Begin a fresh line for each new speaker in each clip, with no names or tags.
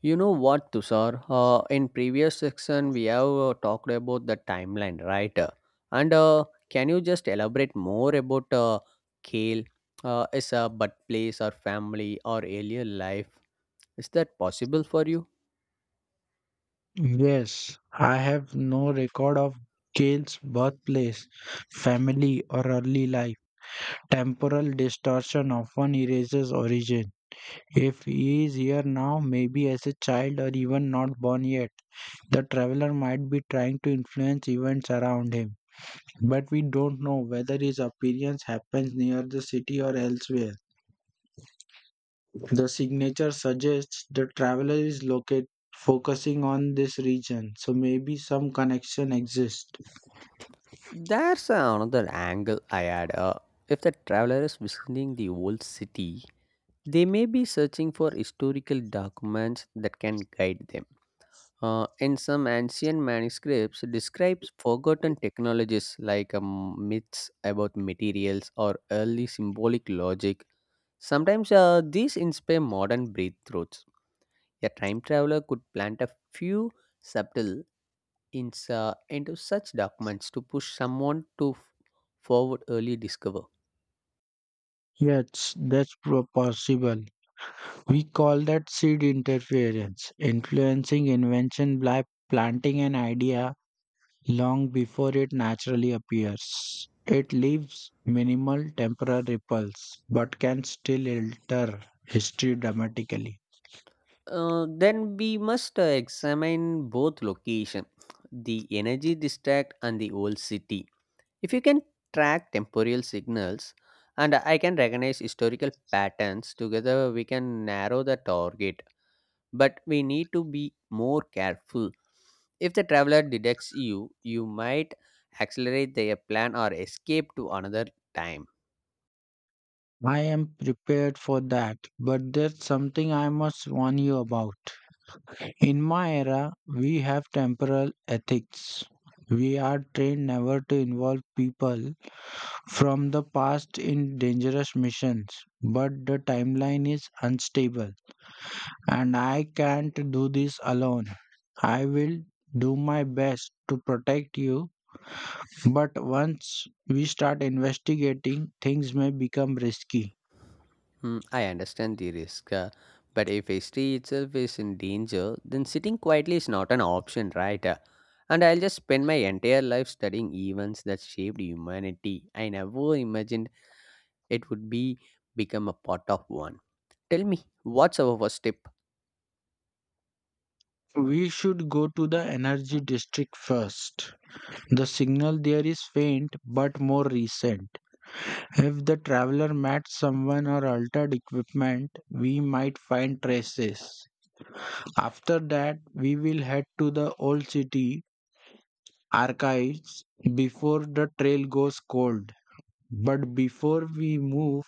You know what, Tushar? In previous section, we have talked about the timeline, right? And Can you just elaborate more about Kale? Is a but place or family or alien life? Is that possible for you?
Yes, I have no record of Gail's birthplace, family, or early life. Temporal distortion often erases origin. If he is here now, maybe as a child or even not born yet, the traveler might be trying to influence events around him. But we don't know whether his appearance happens near the city or elsewhere. The signature suggests the traveler is located focusing on this region, so maybe some connection exists.
That's another angle I add. If the traveler is visiting the old city, they may be searching for historical documents that can guide them. In some ancient manuscripts, describes forgotten technologies like myths about materials or early symbolic logic. Sometimes these inspire modern breakthroughs. A time traveler could plant a few subtle hints into such documents to push someone to forward early discover.
Yes, that's possible. We call that seed interference, influencing invention by planting an idea long before it naturally appears. It leaves minimal temporal ripples, but can still alter history dramatically.
Then we must examine both location, the energy district and the old city. If you can track temporal signals and I can recognize historical patterns, together we can narrow the target. But we need to be more careful. If the traveler detects you, you might accelerate their plan or escape to another time.
I am prepared for that, but there's something I must warn you about. In my era, we have temporal ethics. We are trained never to involve people from the past in dangerous missions, but the timeline is unstable and I can't do this alone. I will do my best to protect you, but once we start investigating, things may become risky.
Hmm, I understand the risk, but if history itself is in danger, then sitting quietly is not an option, right? And I'll just spend my entire life studying events that shaped humanity. I never imagined it would be become a pot of one. Tell me what's our first tip
We should go to the energy district first. The signal there is faint but more recent. If the traveler met someone or altered equipment, we might find traces. After that, we will head to the old city archives before the trail goes cold. But before we move,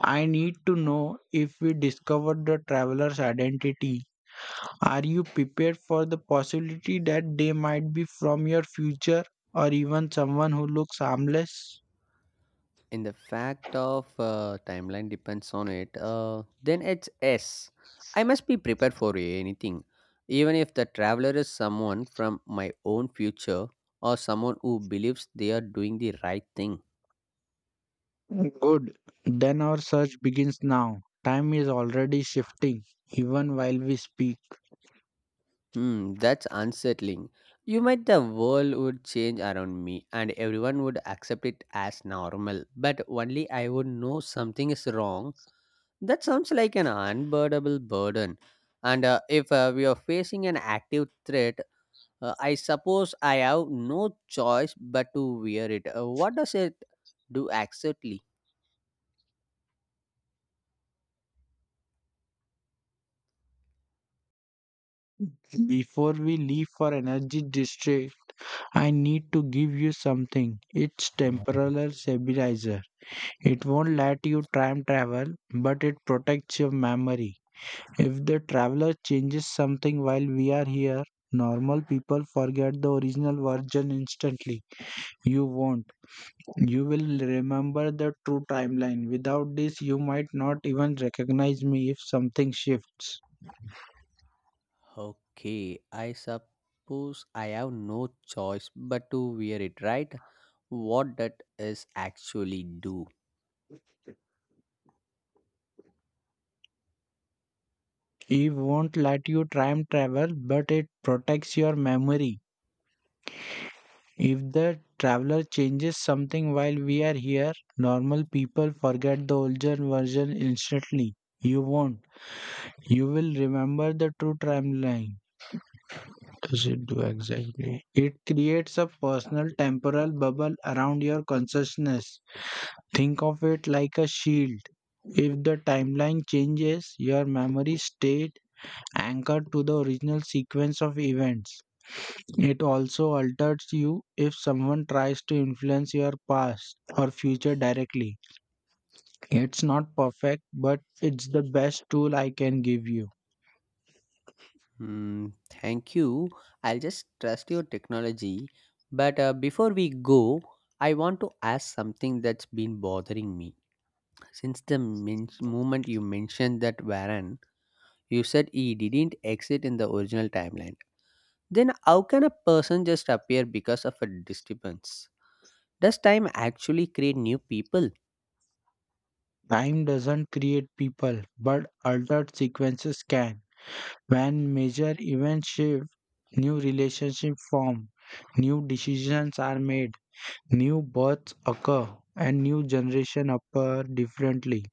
I need to know if we discover the traveler's identity. Are you prepared for the possibility that they might be from your future or even someone who looks harmless?
in the fact of timeline depends on it, then it's s I must be prepared for anything, even if the traveler is someone from my own future or someone who believes they are doing the right thing.
Good. Then our search begins now. Time is already shifting, even while we speak.
Hmm, that's unsettling. You might the world would change around me and everyone would accept it as normal, but only I would know something is wrong. That sounds like an unbearable burden. And if we are facing an active threat, I suppose I have no choice but to wear it. What does it do exactly?
Before we leave for Energy District, I need to give you something. It's temporal stabilizer. It won't let you time travel, but it protects your memory. If the traveler changes something while we are here, normal people forget the original version instantly. You won't. You will remember the true timeline. Without this, you might not even recognize me if something shifts.
Okay, I suppose I have no choice but to wear it, right? What that is actually do?
Eve won't let you time travel, but it protects your memory. If the traveler changes something while we are here, normal people forget the older version instantly. You won't. You will remember the true timeline. Does it do exactly? It creates a personal temporal bubble around your consciousness. Think of it like a shield. If the timeline changes, your memory stayed anchored to the original sequence of events. It also alters you if someone tries to influence your past or future directly. It's not perfect, but it's the best tool I can give you.
Hmm, thank you. I'll just trust your technology. But before we go, I want to ask something that's been bothering me. Since the moment you mentioned that Varan, you said he didn't exit in the original timeline. Then how can a person just appear because of a disturbance? Does time actually create new people?
Time doesn't create people, but altered sequences can. When major events shift, new relationships form, new decisions are made. New births occur and new generation appear differently.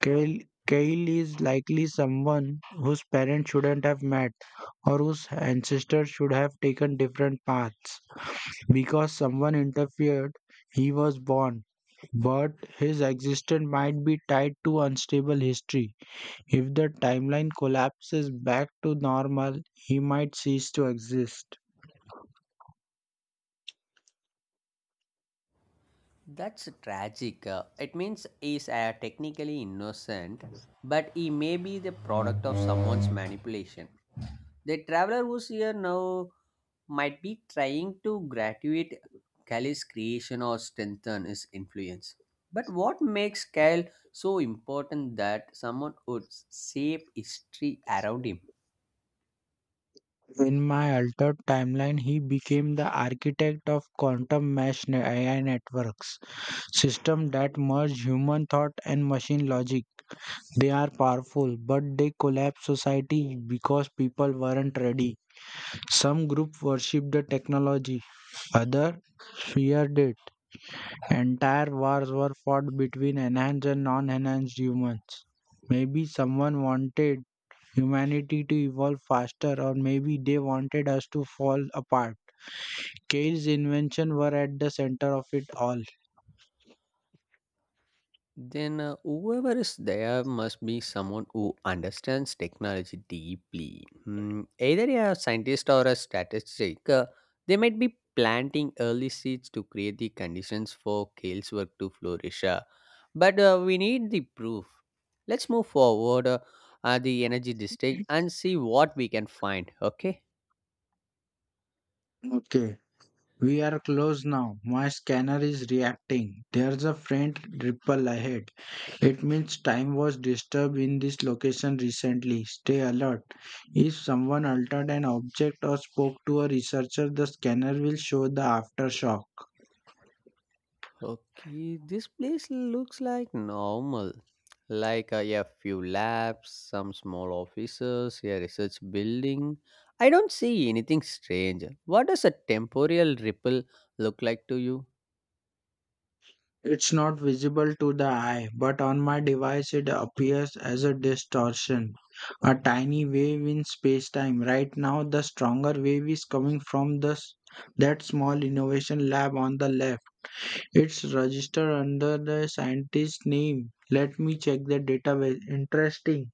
Kyle, Kyle is likely someone whose parents shouldn't have met or whose ancestors should have taken different paths. Because someone interfered, he was born, but his existence might be tied to unstable history. If the timeline collapses back to normal, he might cease to exist.
That's tragic. It means he's technically innocent, but he may be the product of someone's manipulation. The traveler who's here now might be trying to graduate Cali's creation or strengthen his influence. But what makes Cal so important that someone would shape history around him?
In my altered timeline, he became the architect of quantum mesh AI networks, system that merge human thought and machine logic. They are powerful, but they collapse society because people weren't ready. Some groups worshipped the technology, others feared it. Entire wars were fought between enhanced and non-enhanced humans. Maybe someone wanted humanity to evolve faster, or maybe they wanted us to fall apart. Cage's inventions were at the center of it all.
Then, whoever is there must be someone who understands technology deeply. Hmm, either a scientist or a statistic, they might be planting early seeds to create the conditions for Kale's work to flourish. But we need the proof. Let's move forward the energy district and see what we can find. Okay.
Okay, we are close now. My scanner is reacting. There's a faint ripple ahead. It means time was disturbed in this location recently. Stay alert. If someone altered an object or spoke to a researcher, the scanner will show the aftershock.
Okay, this place looks like normal. Like a few labs, some small offices, a research building. I don't see anything strange. What does a temporal ripple look like to you?
It's not visible to the eye, but on my device it appears as a distortion, a tiny wave in spacetime. Right now, the stronger wave is coming from that small innovation lab on the left. It's registered under the scientist's name. Let me check the database. Interesting.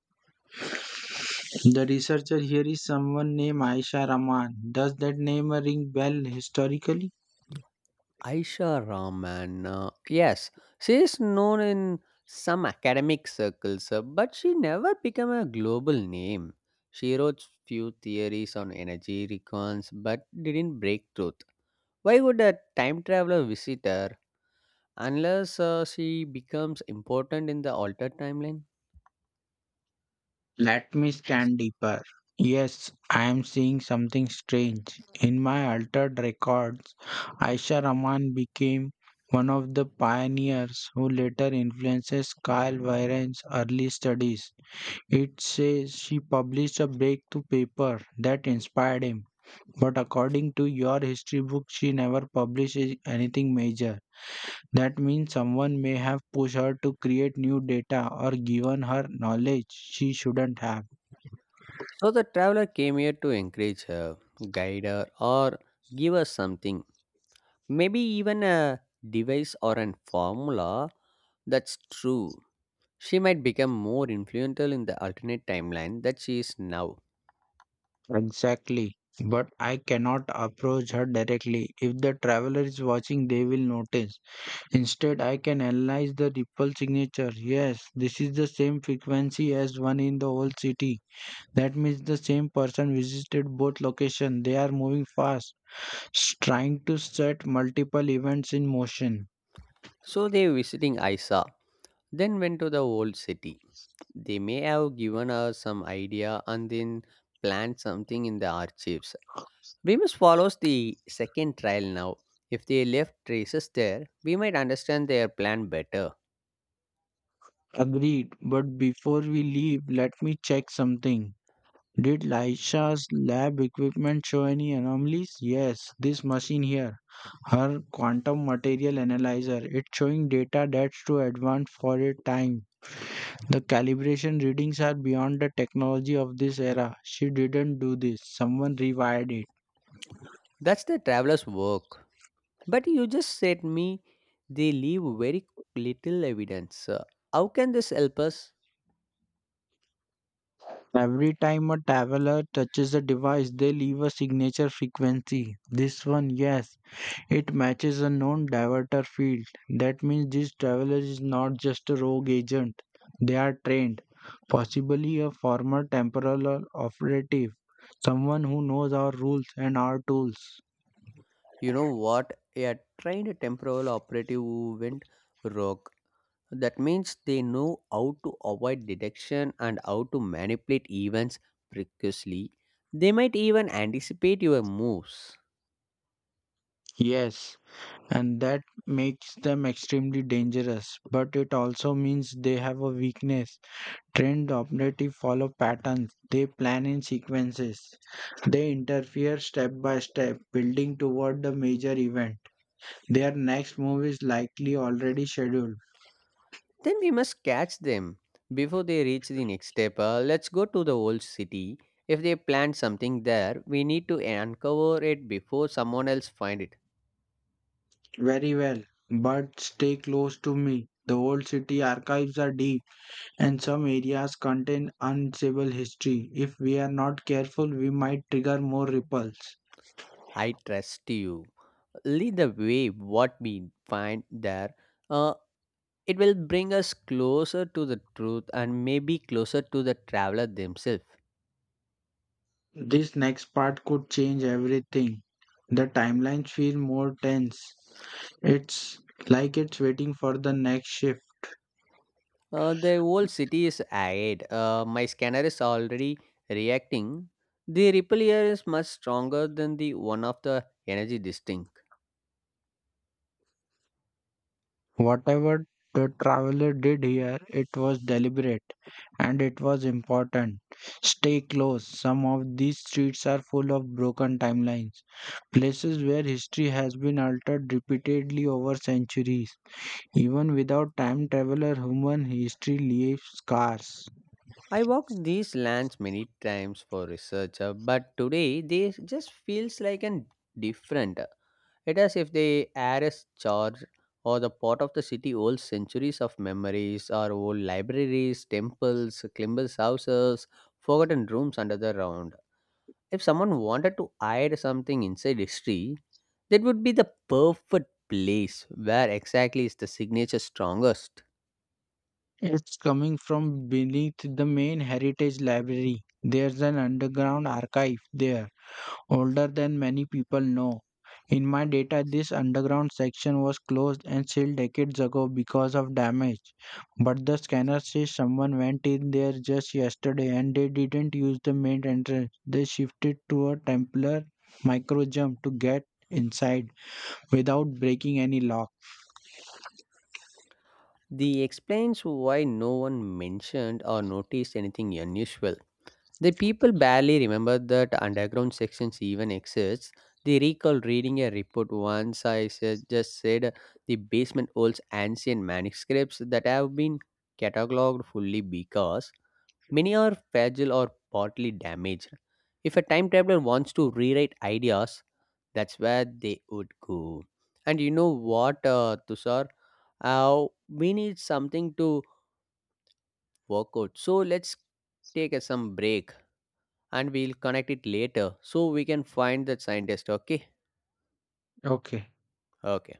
The researcher here is someone named Aisha Rahman. Does that name ring bell historically?
Aisha Rahman. Yes, she is known in some academic circles, but she never became a global name. She wrote few theories on energy recons, but didn't break truth. Why would a time traveler visit her? Unless she becomes important in the altered timeline.
Let me scan deeper. Yes, I am seeing something strange. In my altered records, Aisha Rahman became one of the pioneers who later influences Kyle Wyren's early studies. It says she published a breakthrough paper that inspired him, but according to your history book, she never published anything major. That means someone may have pushed her to create new data or given her knowledge she shouldn't have.
So the traveler came here to encourage her, guide her, or give her something. Maybe even a device or a formula, that's true. She might become more influential in the alternate timeline that she is now.
Exactly. But I cannot approach her directly. If the traveler is watching, they will notice. Instead, I can analyze the ripple signature. Yes, this is the same frequency as one in the whole city. That means the same person visited both locations. They are moving fast, trying to set multiple events in motion.
So they visiting Isa, then went to the old city. They may have given her some idea and then planned something in the archives. Remus follows the second trail now. If they left traces there, we might understand their plan better.
Agreed. But before we leave, let me check something. Did Lisha's lab equipment show any anomalies? Yes, this machine here. Her quantum material analyzer. It's showing data that's too advanced for its time. The calibration readings are beyond the technology of this era. She didn't do this, someone rewired it.
That's the traveler's work. But you just said me they leave very little evidence. How can this help us?
Every time a traveler touches the device, they leave a signature frequency. This one, yes, it matches a known diverter field. That means this traveler is not just a rogue agent. They are trained, possibly a former temporal or operative, someone who knows our rules and our tools.
You know what? A trained temporal operative who went rogue. That means they know how to avoid detection and how to manipulate events precisely. They might even anticipate your moves.
Yes, and that makes them extremely dangerous, but it also means they have a weakness. Trained operatives follow patterns, they plan in sequences, they interfere step by step, building toward the major event. Their next move is likely already scheduled.
Then we must catch them before they reach the next step. Let's go to the old city. If they plant something there, we need to uncover it before someone else find it.
Very well, but stay close to me. The old city archives are deep, and some areas contain unstable history. If we are not careful, we might trigger more ripples.
I trust you. Lead the way. What we find there, uh, it will bring us closer to the truth and maybe closer to the traveler themselves.
This next part could change everything. The timelines feel more tense. It's like it's waiting for the next shift.
The old city is ahead. My scanner is already reacting. The ripple here is much stronger than the one of the energy distinct.
Whatever the traveler did here, it was deliberate and it was important. Stay close. Some of these streets are full of broken timelines, places where history has been altered repeatedly over centuries. Even without time traveler, human history leaves scars.
I walk these lands many times for research, but today they just feels like an different. It as if the air is charged, or the part of the city old centuries of memories, or old libraries, temples, climbers houses, forgotten rooms under the ground. If someone wanted to hide something inside history, that would be the perfect place. Where exactly is the signature strongest?
It's coming from beneath the main heritage library. There's an underground archive there older than many people know. In my data, this underground section was closed and sealed decades ago because of damage. But the scanner says someone went in there just yesterday and they didn't use the main entrance. They shifted to a temporary micro jump to get inside without breaking any lock.
The explains why no one mentioned or noticed anything unusual. The people barely remember that underground sections even exist. They recall reading a report once I said, just said, the basement holds ancient manuscripts that have been cataloged fully because many are fragile or partly damaged. If a time traveler wants to rewrite ideas, that's where they would go. And you know what, Tushar? We need something to work out. So let's take a, some break and we'll connect it later so we can find the scientist. Okay?
Okay.
Okay.